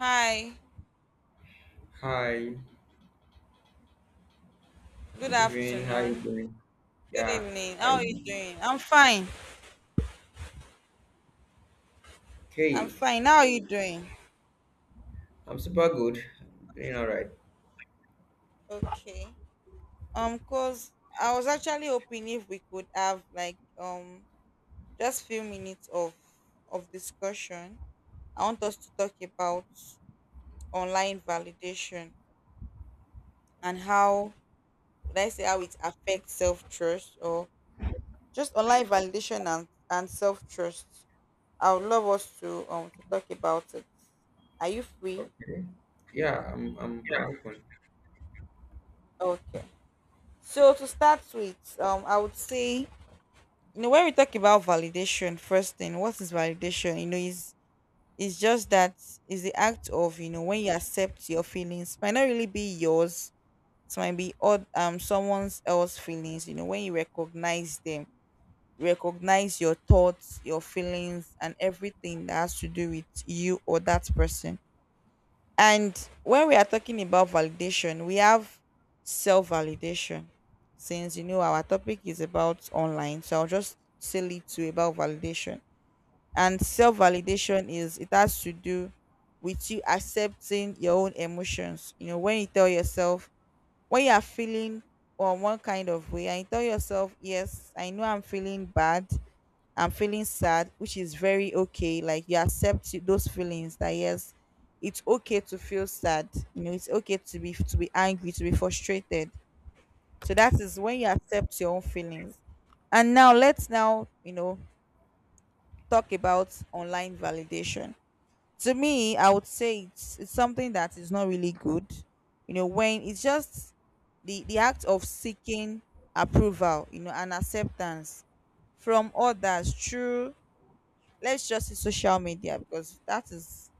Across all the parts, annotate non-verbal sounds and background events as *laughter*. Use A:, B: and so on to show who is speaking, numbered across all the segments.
A: Hi,
B: Hi,
A: good
B: good evening. How you
A: afternoon.
B: doing?
A: Good
B: Yeah,
A: evening.
B: how
A: How
B: you
A: are you
B: doing?
A: doing? I'm fine. I'm
B: Okay,
A: fine. How are you doing?
B: I'm super good. I'm doing all right.
A: Okay. Cause I was actually hoping if we could have like just few minutes of discussion. I want us to talk about online validation and how, let's say how it affects self trust, or just online validation and self trust. I would love us to talk about it. Are you free?
B: Okay. Yeah, I'm open.
A: Okay. So to start with, I would say, you know, when we talk about validation, first thing, what is validation? You know, is just that, is the act of, you know, when you accept your feelings might not really be yours. It might be odd, someone's else feelings. You know, when you recognize them, recognize your thoughts, your feelings, and everything that has to do with you or that person. And when we are talking about validation, we have self validation. Since, you know, our topic is about online, so I'll just say little about validation. And self validation is, it has to do with you accepting your own emotions. You know, when you tell yourself, when you are feeling on one kind of way, and you tell yourself, yes, I know I'm feeling bad, I'm feeling sad, which is very okay. Like you those feelings, that yes, it's okay to feel sad. You know, it's okay to be angry, to be frustrated. So that is when you accept your own feelings. And now let's now, you know, talk about online validation. To me, I would say it's something that is not really good. You know, when it's just the act of seeking approval, you know, and acceptance from others through, let's just say, social media, because that is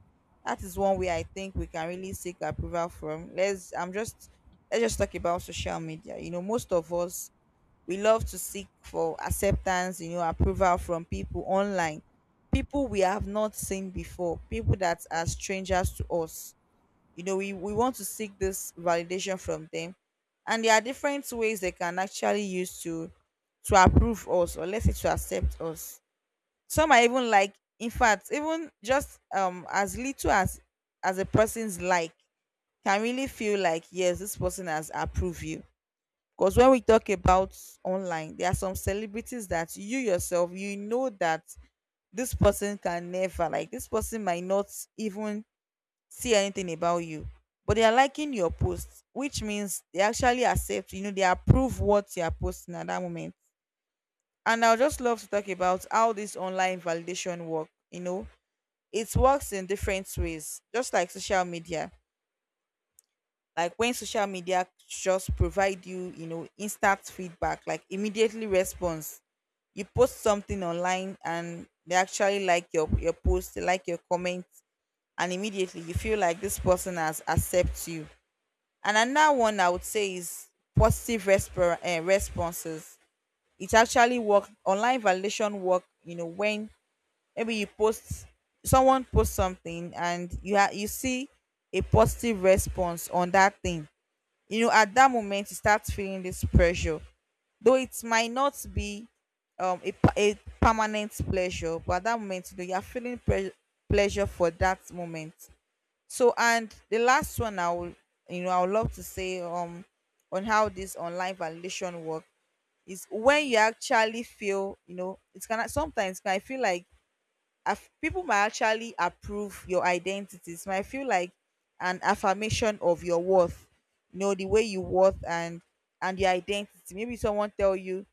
A: that is one way I think we can really seek approval from. Let's just talk about social media. You know, most of us, we love to seek for acceptance, you know, approval from people online. People we have not seen before, people that are strangers to us. You know, we want to seek this validation from them. And there are different ways they can actually use to approve us, or let's say to accept us. Some are even like, in fact, even just as little as a person's like can really feel like, yes, this person has approved you. Because when we talk about online, there are some celebrities that you yourself, you know, that this person can never like this person might not even see anything about you, but they are liking your posts, which means they actually accept, you know, they approve what you are posting at that moment. And I'll just love to talk about how this online validation work. You know, it works in different ways, just like social media, like when social media just provide you, you know, instant feedback, like immediately response. You post something online and they actually like your post, they like your comment, and immediately you feel like this person has accepts you. And another one I would say is responses. It actually work, online validation work, you know, when maybe you post someone posts something and you see a positive response on that thing. You know, at that moment you start feeling this pressure, though it might not be a a permanent pleasure, but at that moment, you know, you're feeling pleasure for that moment. So and the last one I will, you know, I would love to say, on how this online validation work, is when you actually feel, you know, it's kind of, sometimes I feel like people might actually approve your identities, might feel like an affirmation of your worth. You know, the way you worth and your identity. Maybe someone tell you,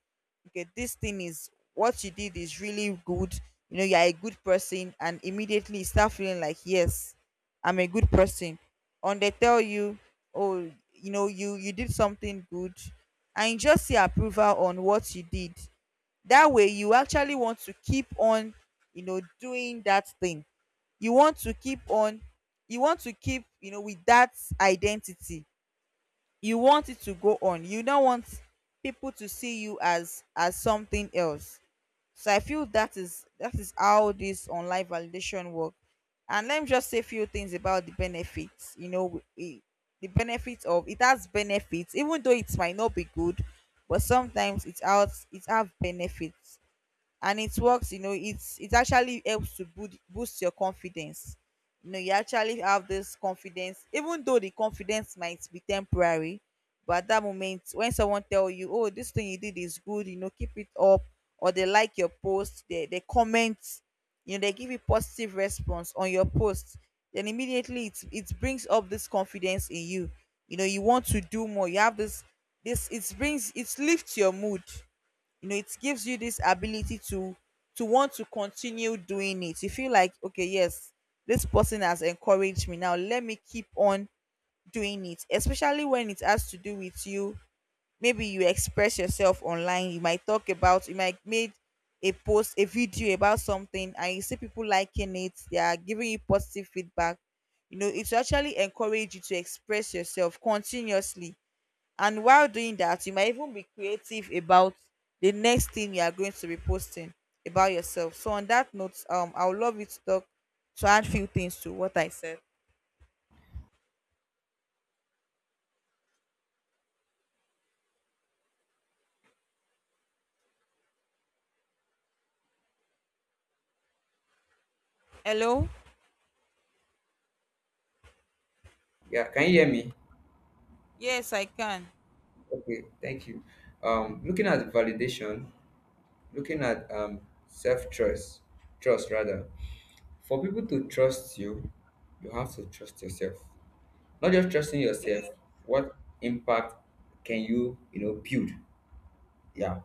A: okay, this thing is what you did is really good, you know, you're a good person, and immediately you start feeling like, yes, I'm a good person. And they tell you, oh, you know, you did something good, and you just see approval on what you did. That way you actually want to keep on, you know, doing that thing. You want to keep on, you want to keep, you know, with that identity. You want it to go on. You don't want people to see you as something else. So I feel that is, how this online validation work. And let me just say a few things about the benefits. The benefits of it has benefits, even though it might not be good, but sometimes it has, it have benefits. And it works, you know, it's, it actually helps to boost your confidence. You know, you actually have this confidence, even though the confidence might be temporary, but at that moment when someone tell you, oh, this thing you did is good, you know, keep it up, or they like your post, they comment, you know, they give you positive response on your post, then immediately it brings up this confidence in you. You know, you want to do more. You have this, it brings, it lifts your mood. You know, it gives you this ability to want to continue doing it. You feel like, okay, yes, this person has encouraged me, now let me keep on doing it, especially when it has to do with you. Maybe you express yourself online, you might talk about, you might made a post, a video about something, and you see people liking it, they are giving you positive feedback. You know, it will actually encourage you to express yourself continuously. And while doing that, you might even be creative about the next thing you are going to be posting about yourself. So on that note, I would love you to talk, to add few things to what I said. Hello?
B: Yeah, can you hear me?
A: Yes, I can.
B: Okay, thank you. Looking at validation, looking at self-trust, trust rather. For people to trust you, you have to trust yourself. Not just trusting
A: Yeah.
B: yourself, what impact can you, you know, build? Yeah,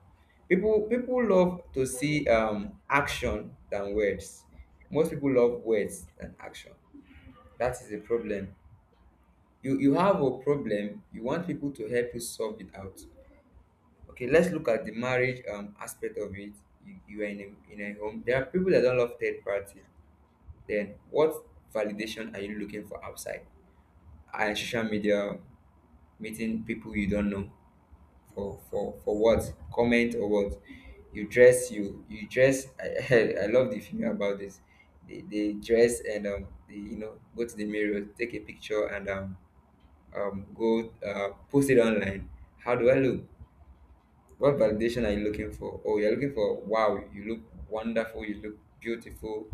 B: people love to see action than words. Most people love words than action. That is the problem. You have a problem, you want people to help you solve it out. Okay, let's look at the marriage aspect of it. You are in a home. There are people that don't love third party, then what validation are you looking for outside? And social media, meeting people you don't know, for what? Comment or what? You dress, you dress. *laughs* I love the film about this. They dress and they, you know, go to the mirror, take a picture, and go post it online. How do I look? What validation are you looking for? Oh, you're looking for, "Wow, you look wonderful, you look beautiful."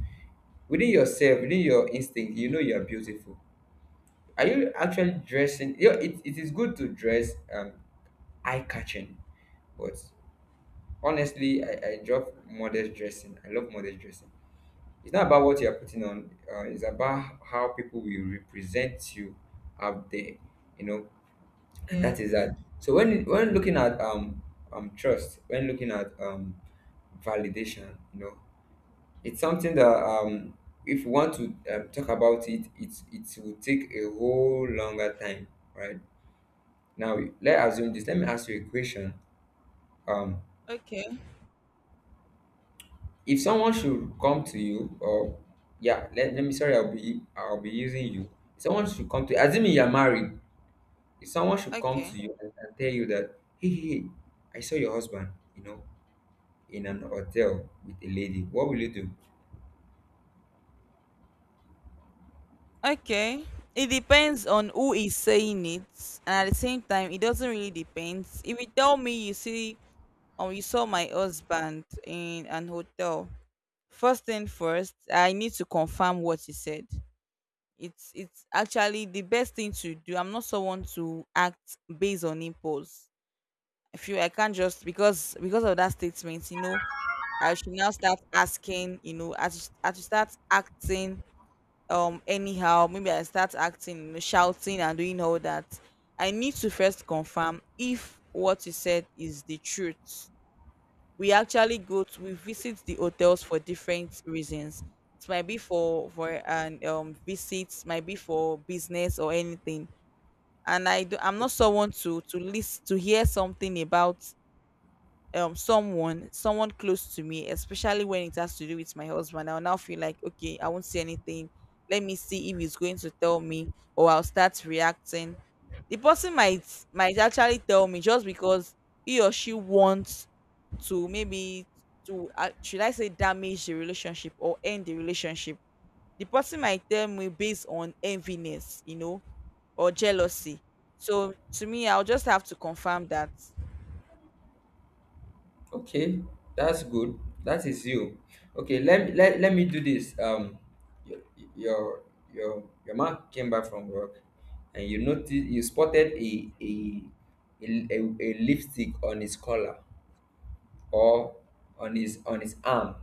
B: Within yourself, within your instinct, you know you are beautiful. Are you actually dressing, you know, it is good to dress eye catching, but honestly, I love modest dressing. I love modest dressing. It's not about what you are putting on, it's about how people will represent you out there, you know, and
A: Yes.
B: that is that. So when looking at trust, when looking at validation, you know, it's something that if you want to talk about it, it it will take a whole longer time, right? Now let assume this. Let me ask you a question. Um,
A: Okay.
B: If someone should come to you, or yeah, let me sorry, I'll be using you. If someone should come to, assuming you're married, if someone should come
A: Okay.
B: to you and tell you that, hey, hey, hey, I saw your husband, you know, in an hotel with a lady, what will you do?
A: Okay. It depends on who is saying it, and at the same time, it doesn't really depend. If you tell me you see, or you saw my husband in an hotel, first thing first, I need to confirm what he said. It's actually the best thing to do. I'm not someone to act based on impulse. I feel I can't just, because of that statement, you know, I should now start asking, you know, I should start acting anyhow. Maybe I start acting, you know, shouting and doing all that. I need to first confirm if what you said is the truth. We actually go to, we visit the hotels for different reasons. It might be for, an visit, might be for business or anything. And I do, I'm not someone to list to hear something about someone, close to me, especially when it has to do with my husband. I'll now feel like, okay, I won't say anything, let me see if he's going to tell me, or I'll start reacting. The person might, actually tell me just because he or she wants to, maybe to, should I say, damage the relationship or end the relationship. The person might tell me based on enviness, you know, or jealousy. So to me, I'll just have to confirm that.
B: Okay, that's good. That is you. Okay, let me do this. Um, your your your man came back from work, and you noticed you spotted a lipstick on his collar, or on his, on his arm.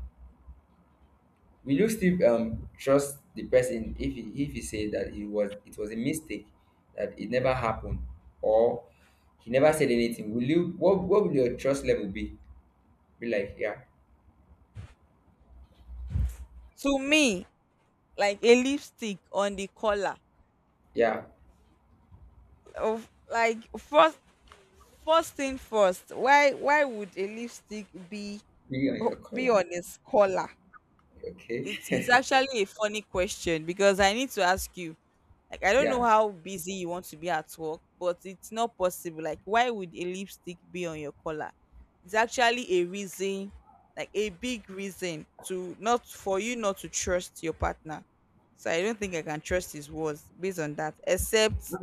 B: Will you still trust the person if he said that it was, it was a mistake, that it never happened, or he never said anything? Will you, what will your trust level be like? Yeah,
A: To me, like a lipstick on the collar
B: yeah,
A: of, like, first thing first. Why would a lipstick be,
B: be on your column.
A: on his collar? It's
B: Okay, *laughs*
A: actually a funny question, because I need to ask you. Like, I don't know
B: yeah,
A: how busy you want to be at work, but it's not possible. Like, why would a lipstick be on your collar? It's actually a reason, like a big reason to, not for you not to trust your partner. So I don't think I can trust his words based on that, except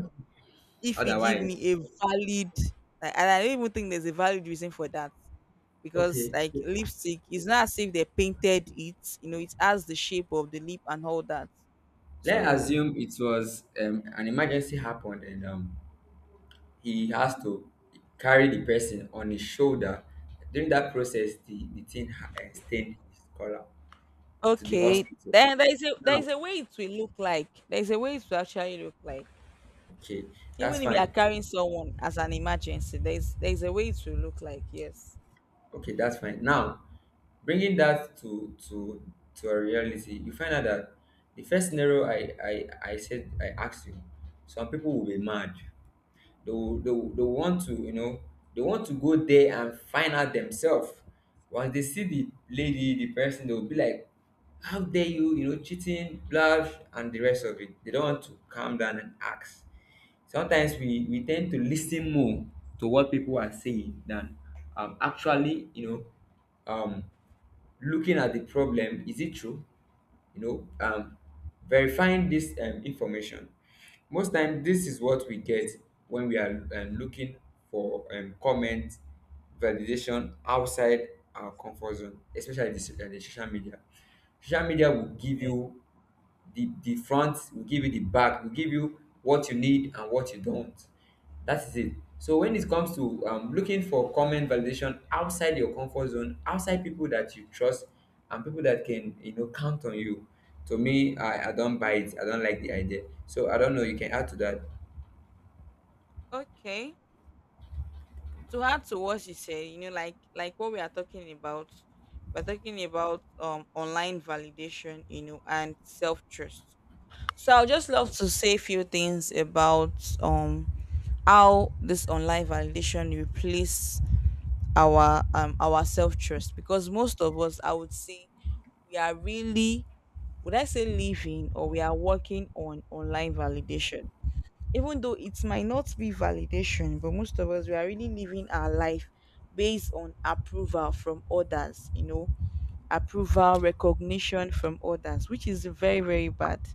A: if he give
B: otherwise.
A: me a valid. Like, and I don't even think there's a valid reason for that, because
B: Okay,
A: like lipstick, it's not as if they painted it, you know, it has the shape of the lip and all that.
B: let's
A: So,
B: assume it was an emergency happened and he has to carry the person on his shoulder. During that process, the thing ha- eh, stained his collar to the
A: okay,
B: hospital.
A: then there
B: Now,
A: is a way it will look like, there is a way it will actually look like,
B: okay, that's
A: even if you are
B: fine.
A: carrying someone as an emergency, there is a way it will look like, yes.
B: Okay, that's fine. Now, bringing that to a reality, you find out that the first scenario I said I asked you, some people will be mad. They will want to, you know, they want to go there and find out themselves. Once they see the lady, the person, they will be like, "How dare you, you know, cheating, love," and the rest of it. They don't want to calm down and ask. Sometimes we tend to listen more to what people are saying than actually, you know, um, looking at the problem. Is it true? You know, verifying this information. Most times, this is what we get when we are looking for comment validation outside our comfort zone, especially the, so- the social media. Social media will give you the front, will give you the back, will give you what you need and what you don't. That is it. So when it comes to looking for comment validation outside your comfort zone, outside people that you trust and people that can, you know, count on you, to me, I don't buy it, I don't like the idea. So I don't know, you can add to that.
A: Okay. To add to what you said, you know, like, what we are talking about, we're talking about online validation, you know, and self-trust. So I'll just love to say a few things about um how this online validation replace our self trust. Because most of us, I would say, we are really, would I say, living, or we are working on online validation. Even though it might not be validation, but most of us we are really living our life based on approval from others, you know, approval, recognition from others, which is very, very bad.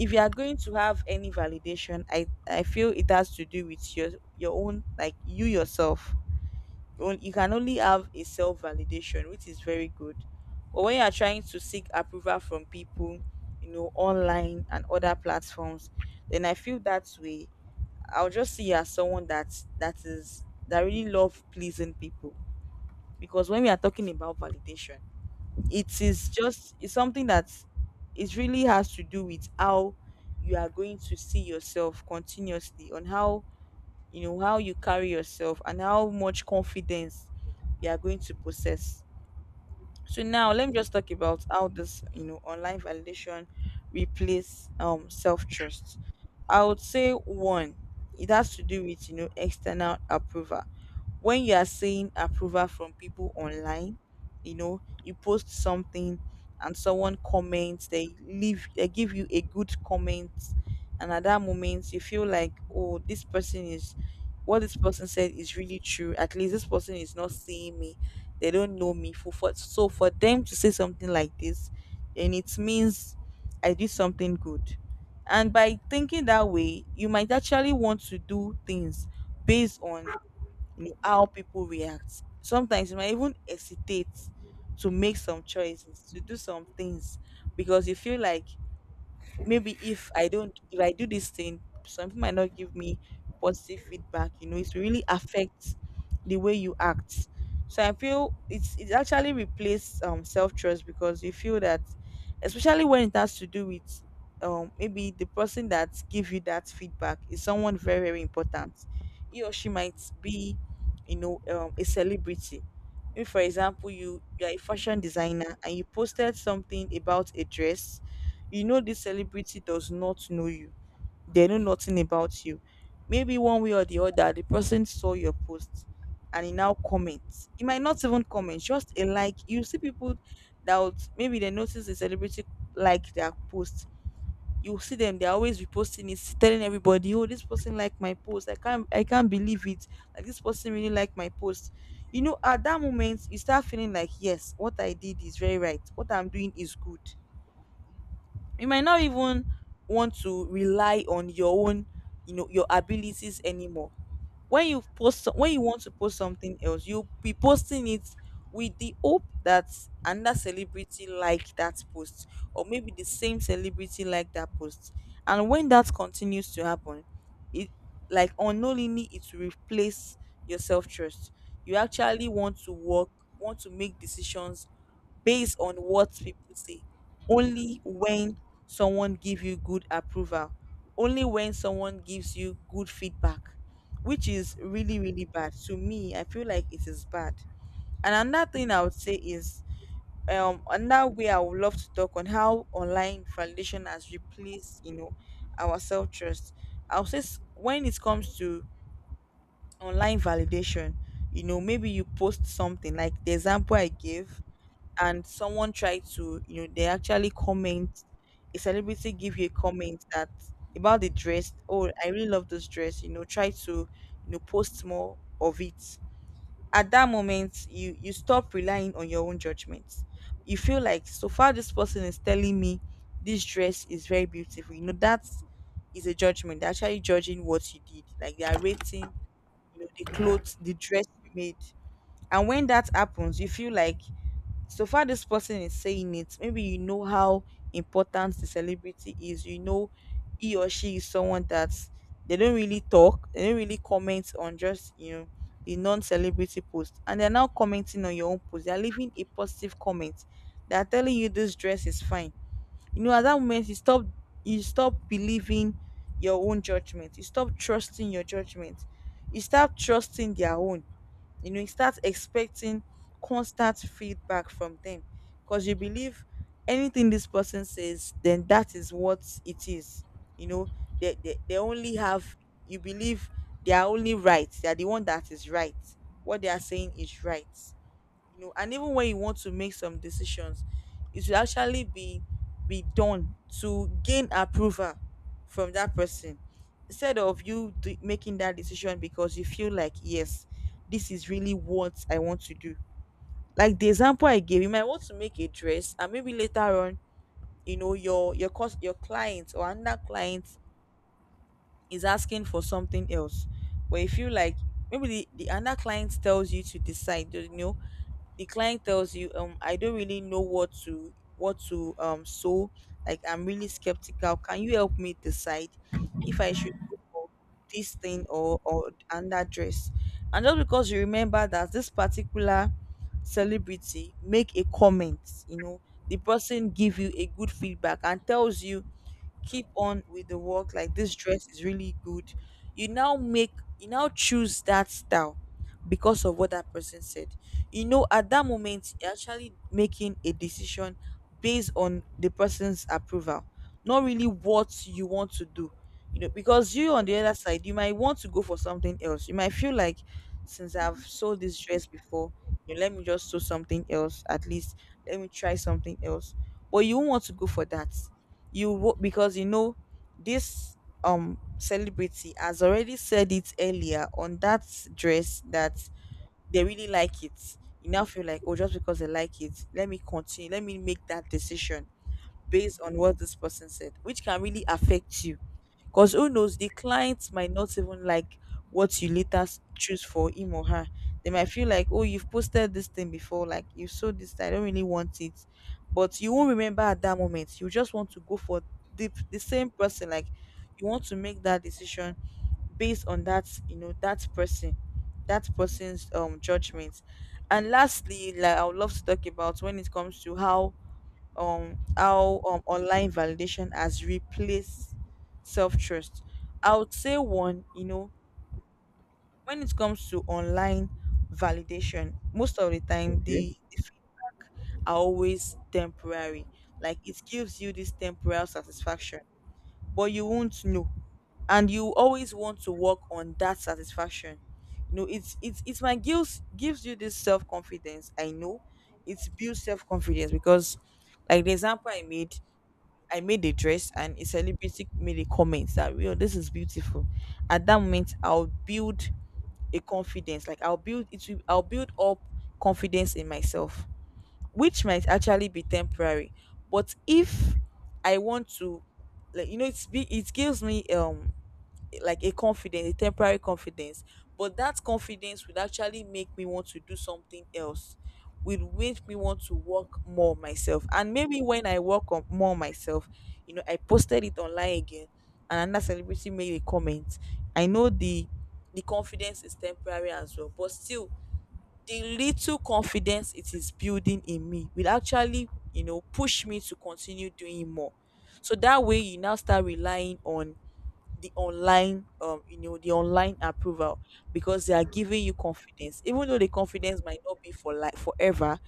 A: If you are going to have any validation, I feel it has to do with your own, like you yourself. You can only have a self validation, which is very good. But when you are trying to seek approval from people, you know, online and other platforms, then I feel that way. I'll just see you as someone that really love pleasing people. Because when we are talking about validation, it is just it's something that it really has to do with how you are going to see yourself continuously, on how, you know, how you carry yourself and how much confidence you are going to possess. So now let me just talk about how this, you know, online validation replace self-trust. I would say one, it has to do with, you know, external approval. When you are seeing approval from people online, you know, you post something and someone comments, they leave, they give you a good comment, and at that moment you feel like, oh, this person is, what this person said is really true. At least this person is not seeing me, they don't know me. For so for them to say something like this, and it means I did something good. And by thinking that way, you might actually want to do things based on, you know, how people react. Sometimes you might even hesitate to make some choices, to do some things because you feel like, maybe if I do this thing, some people might not give me positive feedback. You know, it really affects the way you act. So I feel it actually replaces self trust, because you feel that, especially when it has to do with maybe the person that give you that feedback is someone very, very important. He or she might be, you know, a celebrity. If for example you are a fashion designer and you posted something about a dress, you know this celebrity does not know you, they know nothing about you. Maybe one way or the other the person saw your post, and he now comments. He might not even comment, just a like. You see people that would, maybe they notice the celebrity like their post, you see them they're always reposting it, telling everybody, oh, this person liked my post, I can't believe it, like this person really liked my post. You know, at that moment you start feeling like, yes, what I did is very right, what I'm doing is good. You might not even want to rely on your own, you know, your abilities anymore. When you post when you want to post something else, you'll be posting it with the hope that another celebrity like that post, or maybe the same celebrity like that post. And when that continues to happen, it, like unknowingly, it will replace your self-trust. You actually want to work, want to make decisions based on what people say, only when someone give you good approval, only when someone gives you good feedback, which is really, really bad. To me, I feel like it is bad. And another thing I would say is, another way I would love to talk on how online validation has replaced, you know, our self-trust. I would say s- When it comes to online validation, you know, maybe you post something like the example I gave, and someone tried to, you know, they actually comment, a celebrity give you a comment that, about the dress, oh I really love this dress, you know, try to, you know, post more of it. At that moment you stop relying on your own judgments. You feel like, so far this person is telling me this dress is very beautiful, you know, that is a judgment. They're actually judging what you did, like they are rating, you know, the clothes, the dress you made. And when that happens, you feel like, so far this person is saying it, maybe you know how important the celebrity is. You know, he or she is someone that they don't really talk, they don't really comment on just, you know, the non-celebrity post. And they're now commenting on your own post. They're leaving a positive comment. They're telling you this dress is fine. You know, at that moment, you stop believing your own judgment. You stop trusting your judgment. You start trusting their own. You know, you start expecting constant feedback from them, because you believe anything this person says, then that is what it is. You know, they only have, you believe they are only right. They are the one that is right. What they are saying is right. You know, and even when you want to make some decisions, it should actually be done to gain approval from that person, instead of you making that decision because you feel like, yes, this is really what I want to do. Like the example I gave, you might want to make a dress, and maybe later on, you know, your cost, your clients or another client is asking for something else. But if you like, maybe the another client tells you to decide, you know, the client tells you, I don't really know what to sow, like I'm really skeptical, can you help me decide if I should go for this thing, or and that dress. And just because you remember that this particular celebrity make a comment, you know, the person give you a good feedback and tells you keep on with the work, like this dress is really good, you now choose that style because of what that person said. You know, at that moment you're actually making a decision based on the person's approval, not really what you want to do. You know, because you, on the other side, you might want to go for something else. You might feel like, since I've sold this dress before, you know, let me just sew something else. At least let me try something else. But you won't want to go for that, you wrote, because you know this celebrity has already said it earlier on, that dress that they really like it. You now feel like, oh, just because they like it, let me continue, let me make that decision based on what this person said, which can really affect you. Because who knows, the client might not even like what you later choose for him or her. They might feel like, oh, you've posted this thing before, like you sold this, I don't really want it. But you won't remember at that moment. You just want to go for the same person. Like, you want to make that decision based on that, you know, that person, that person's judgment. And lastly, like, I would love to talk about, when it comes to how online validation has replaced self-trust, I would say one, you know, when it comes to online validation, most of the time
B: Okay,
A: the feedback are always temporary. Like, it gives you this temporary satisfaction, but you won't know, and you always want to work on that satisfaction. You know, it's my gives gives you this self-confidence, I know. It builds self-confidence, because like the example I made, I made a dress and a celebrity made a comment that, yo, this is beautiful. At that moment I'll build a confidence. Like I'll build up confidence in myself, which might actually be temporary. But if I want to, like, you know, it gives me like a confidence, a temporary confidence. But that confidence would actually make me want to do something else. Will make me want to work more myself. And maybe when I work on more myself, you know, I posted it online again and another celebrity made a comment. I know the confidence is temporary as well, but still the little confidence it is building in me will actually, you know, push me to continue doing more. So that way you now start relying on the online, you know, the online approval, because they are giving you confidence, even though the confidence might not be for, like, forever.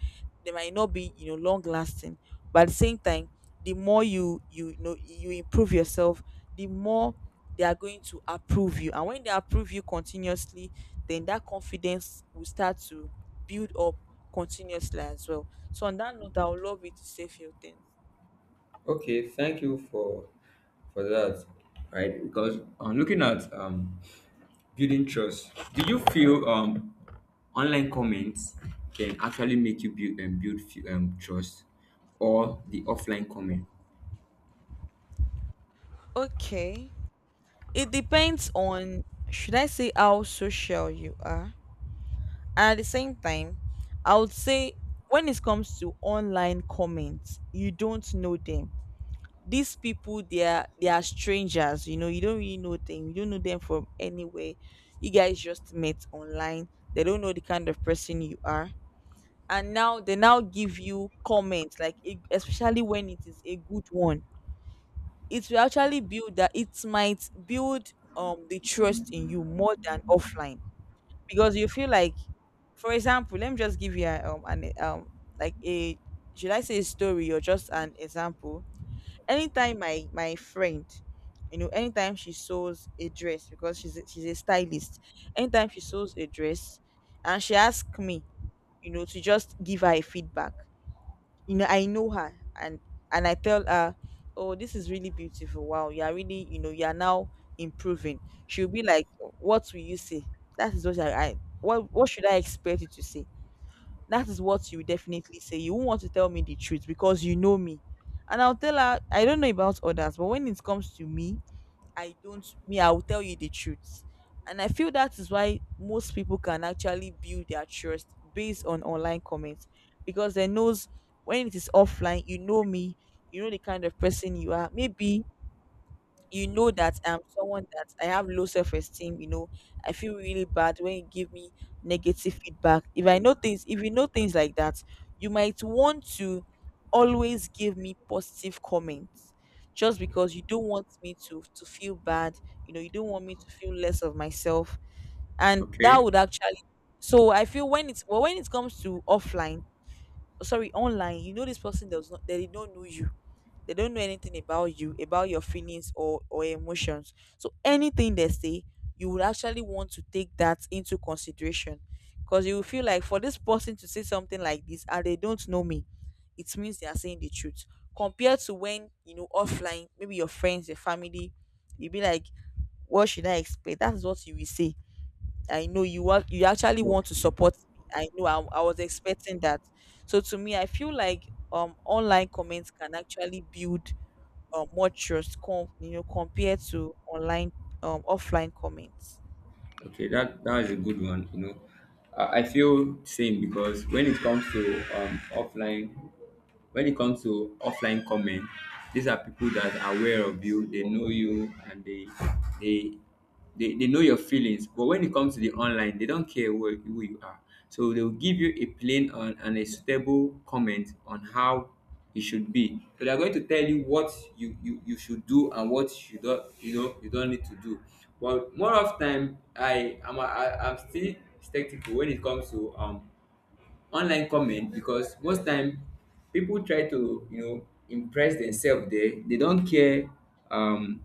A: They might not be, you know, long lasting. But at the same time, the more you know you improve yourself, the more they are going to approve you. And when they approve you continuously, then that confidence will start to build up continuously as well. So on that note, I would love you to say few things.
B: okay, thank you for that, right? Because I'm looking at building trust. Do you feel online comments can actually make you build and build fe- trust, or the offline comment?
A: Okay. It depends on, should I say, how social you are. And at the same time, I would say when it comes to online comments, you don't know them. These people, they are strangers. You don't really know them. You don't know them from anywhere. You guys just met online. They don't know the kind of person you are, and now they now give you comments like especially when it is a good one, it will actually build that it might build the trust in you more than offline, because you feel like, for example, let me just give you a, an like a should I say a story or just an example. Anytime my friend, anytime she sews a dress, because she's a stylist, anytime she sews a dress and she asks me, to just give her a feedback. You know, I know her, and I tell her, oh, this is really beautiful, wow, you are really, you know, you are now improving. She'll be like, what will you say? That is what what should I expect you to say? That is what you definitely say. You won't want to tell me the truth because you know me. And I'll tell her, I don't know about others, but when it comes to me, I don't me, I will tell you the truth. And I feel that is why most people can actually build their trust based on online comments, because they knows when it is offline, you know me, you know the kind of person you are. Maybe you know that I'm someone that I have low self esteem, you know, I feel really bad when you give me negative feedback. If you know things like that, you might want to always give me positive comments just because you don't want me to feel bad, you know, you don't want me to feel less of myself. And that
B: Okay.
A: would actually, so I feel when it's, when it comes to offline, sorry, online, you know, this person does not, they don't know you, they don't know anything about you, about your feelings or emotions, so anything they say, you would actually want to take that into consideration, because you will feel like, for this person to say something like this and they don't know me, it means they are saying the truth, compared to when, you know, offline, maybe your friends, your family. You'll be like, what should I expect? That's what you will say. I know you want, you actually
B: Yep.
A: want to support me. I know I was expecting that. So to me, I feel like online comments can actually build more trust, you know, compared to online offline comments.
B: Okay, that that is a good one, you know, I feel same, because when it comes to offline, when it comes to offline comment, these are people that are aware of you. They know you and they, they know your feelings. But when it comes to the online, they don't care who you are. So they will give you a plain and a suitable comment on how it should be. So they're going to tell you what you you should do and what you don't, you know, you don't need to do. But more of time, I'm still skeptical when it comes to online comment, because most time people try to, you know, impress themselves there. They don't care um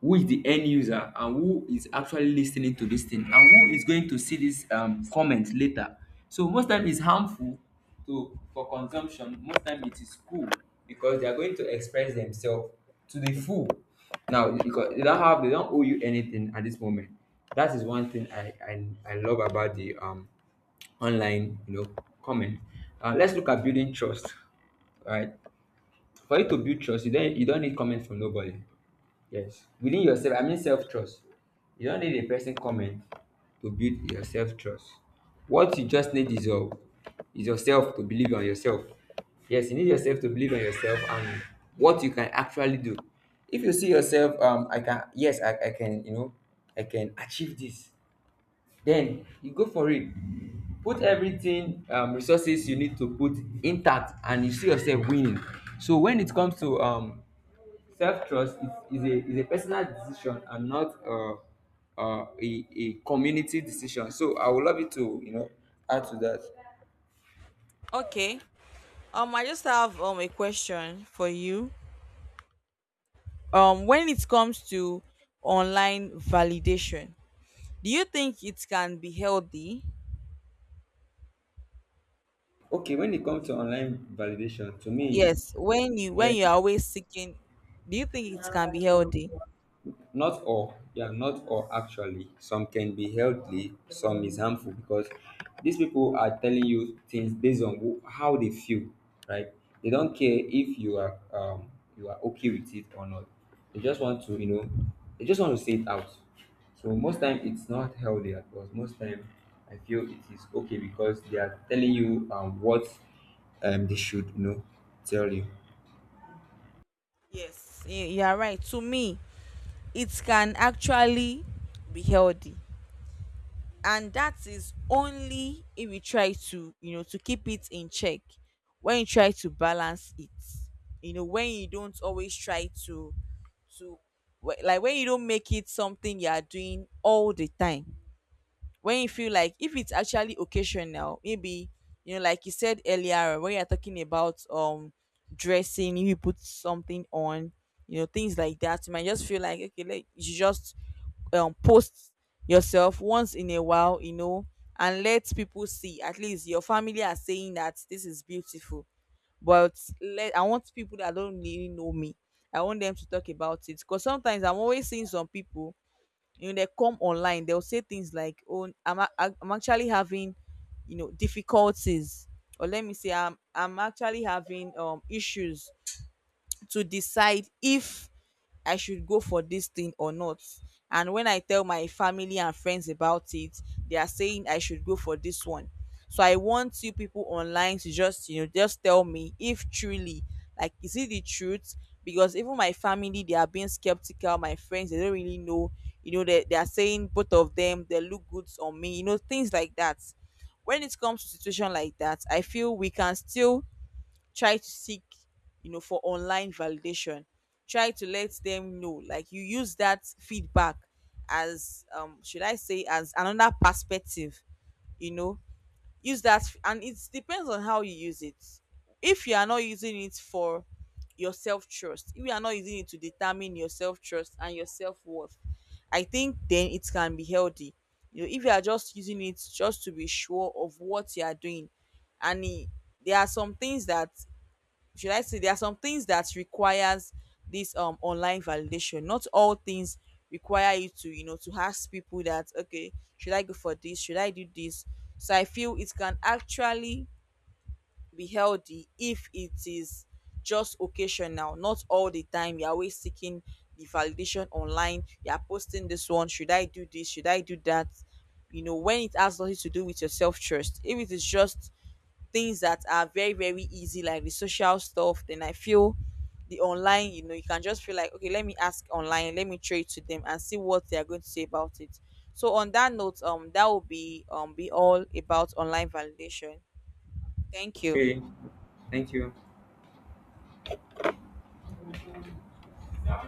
B: who is the end user and who is actually listening to this thing and who is going to see this comment later. So most time it's harmful to for consumption. Most time it is cool, because they are going to express themselves to the full now, because they don't have, they don't owe you anything at this moment. That is one thing
A: Yeah.
B: I love about the online, you know, comment. Let's look at building trust. All right. For you to build trust, you don't, you don't need comment from nobody. Yes. Within yourself, I mean self trust. You don't need a person comment to build your self trust. What you just need is your, is yourself to believe on yourself. Yes, you need yourself to believe on yourself and what you can actually do. If you see yourself, I can, yes, I can, you know, I can achieve this, then you go for it. Put everything, um, resources you need to put intact, and you see yourself winning. So when it comes to self trust, is a, is a personal decision, and not a community decision. So I would love you to, you know, add to that.
A: Okay. I just have a question for you. When it comes to online validation, do you think it can be healthy?
B: Okay, when it comes to online validation, to me,
A: Yes. When you
B: yes,
A: are always seeking, do you think it can be healthy?
B: not all, yeah, not all actually. Some can be healthy, some is harmful, because these people are telling you things based on who, how they feel, right? They don't care if you are you are okay with it or not. They just want to, you know, they just want to say it out. So most time it's not healthy at all. Most time I feel it is okay because they are telling you what they should, you know, tell you.
A: Yes, you are right. To me, it can actually be healthy. And that is only if we try to, you know, to keep it in check. When you try to balance it, you know, when you don't always try to, like, when you don't make it something you are doing all the time, when you feel like if it's actually occasional, maybe, you know, like you said earlier when you're talking about dressing, if you put something on, you know, things like that, you might just feel like, okay, like you just post yourself once in a while, you know, and let people see. At least your family are saying that this is beautiful, but let I want people that don't really know me, I want them to talk about it. Because sometimes I'm always seeing some people, you know, they come online, they'll say things like, oh, I'm actually having, you know, difficulties, or let me say, I'm actually having issues to decide if I should go for this thing or not. And when I tell my family and friends about it, they are saying I should go for this one. So I want you people online to just, you know, just tell me if truly, like, is it the truth? Because even my family, they are being skeptical. My friends, they don't really know. You know, they are saying both of them, they look good on me, you know, things like that. When it comes to situation like that, I feel we can still try to seek, you know, for online validation, try to let them know, like, you use that feedback as, should I say, as another perspective, you know. Use that and it depends on how you use it. If you are not using it for your self-trust, if you are not using it to determine your self-trust and your self-worth, I think then it can be healthy. You know, if you are just using it just to be sure of what you are doing, and there are some things that, should I say there are some things that requires this online validation. Not all things require you to, you know, to ask people that, okay, should I go for this? Should I do this? So I feel it can actually be healthy if it is just occasional, not all the time. You're always seeking the validation online. You're posting this one. Should I do this? Should I do that? You know, when it has nothing to do with your self trust, if it is just things that are very very easy, like the social stuff, then I feel the online, you know, you can just feel like, okay, let me ask online, let me trade to them and see what they are going to say about it. So on that note, that will be all about online validation. Thank you.
B: Okay, thank you.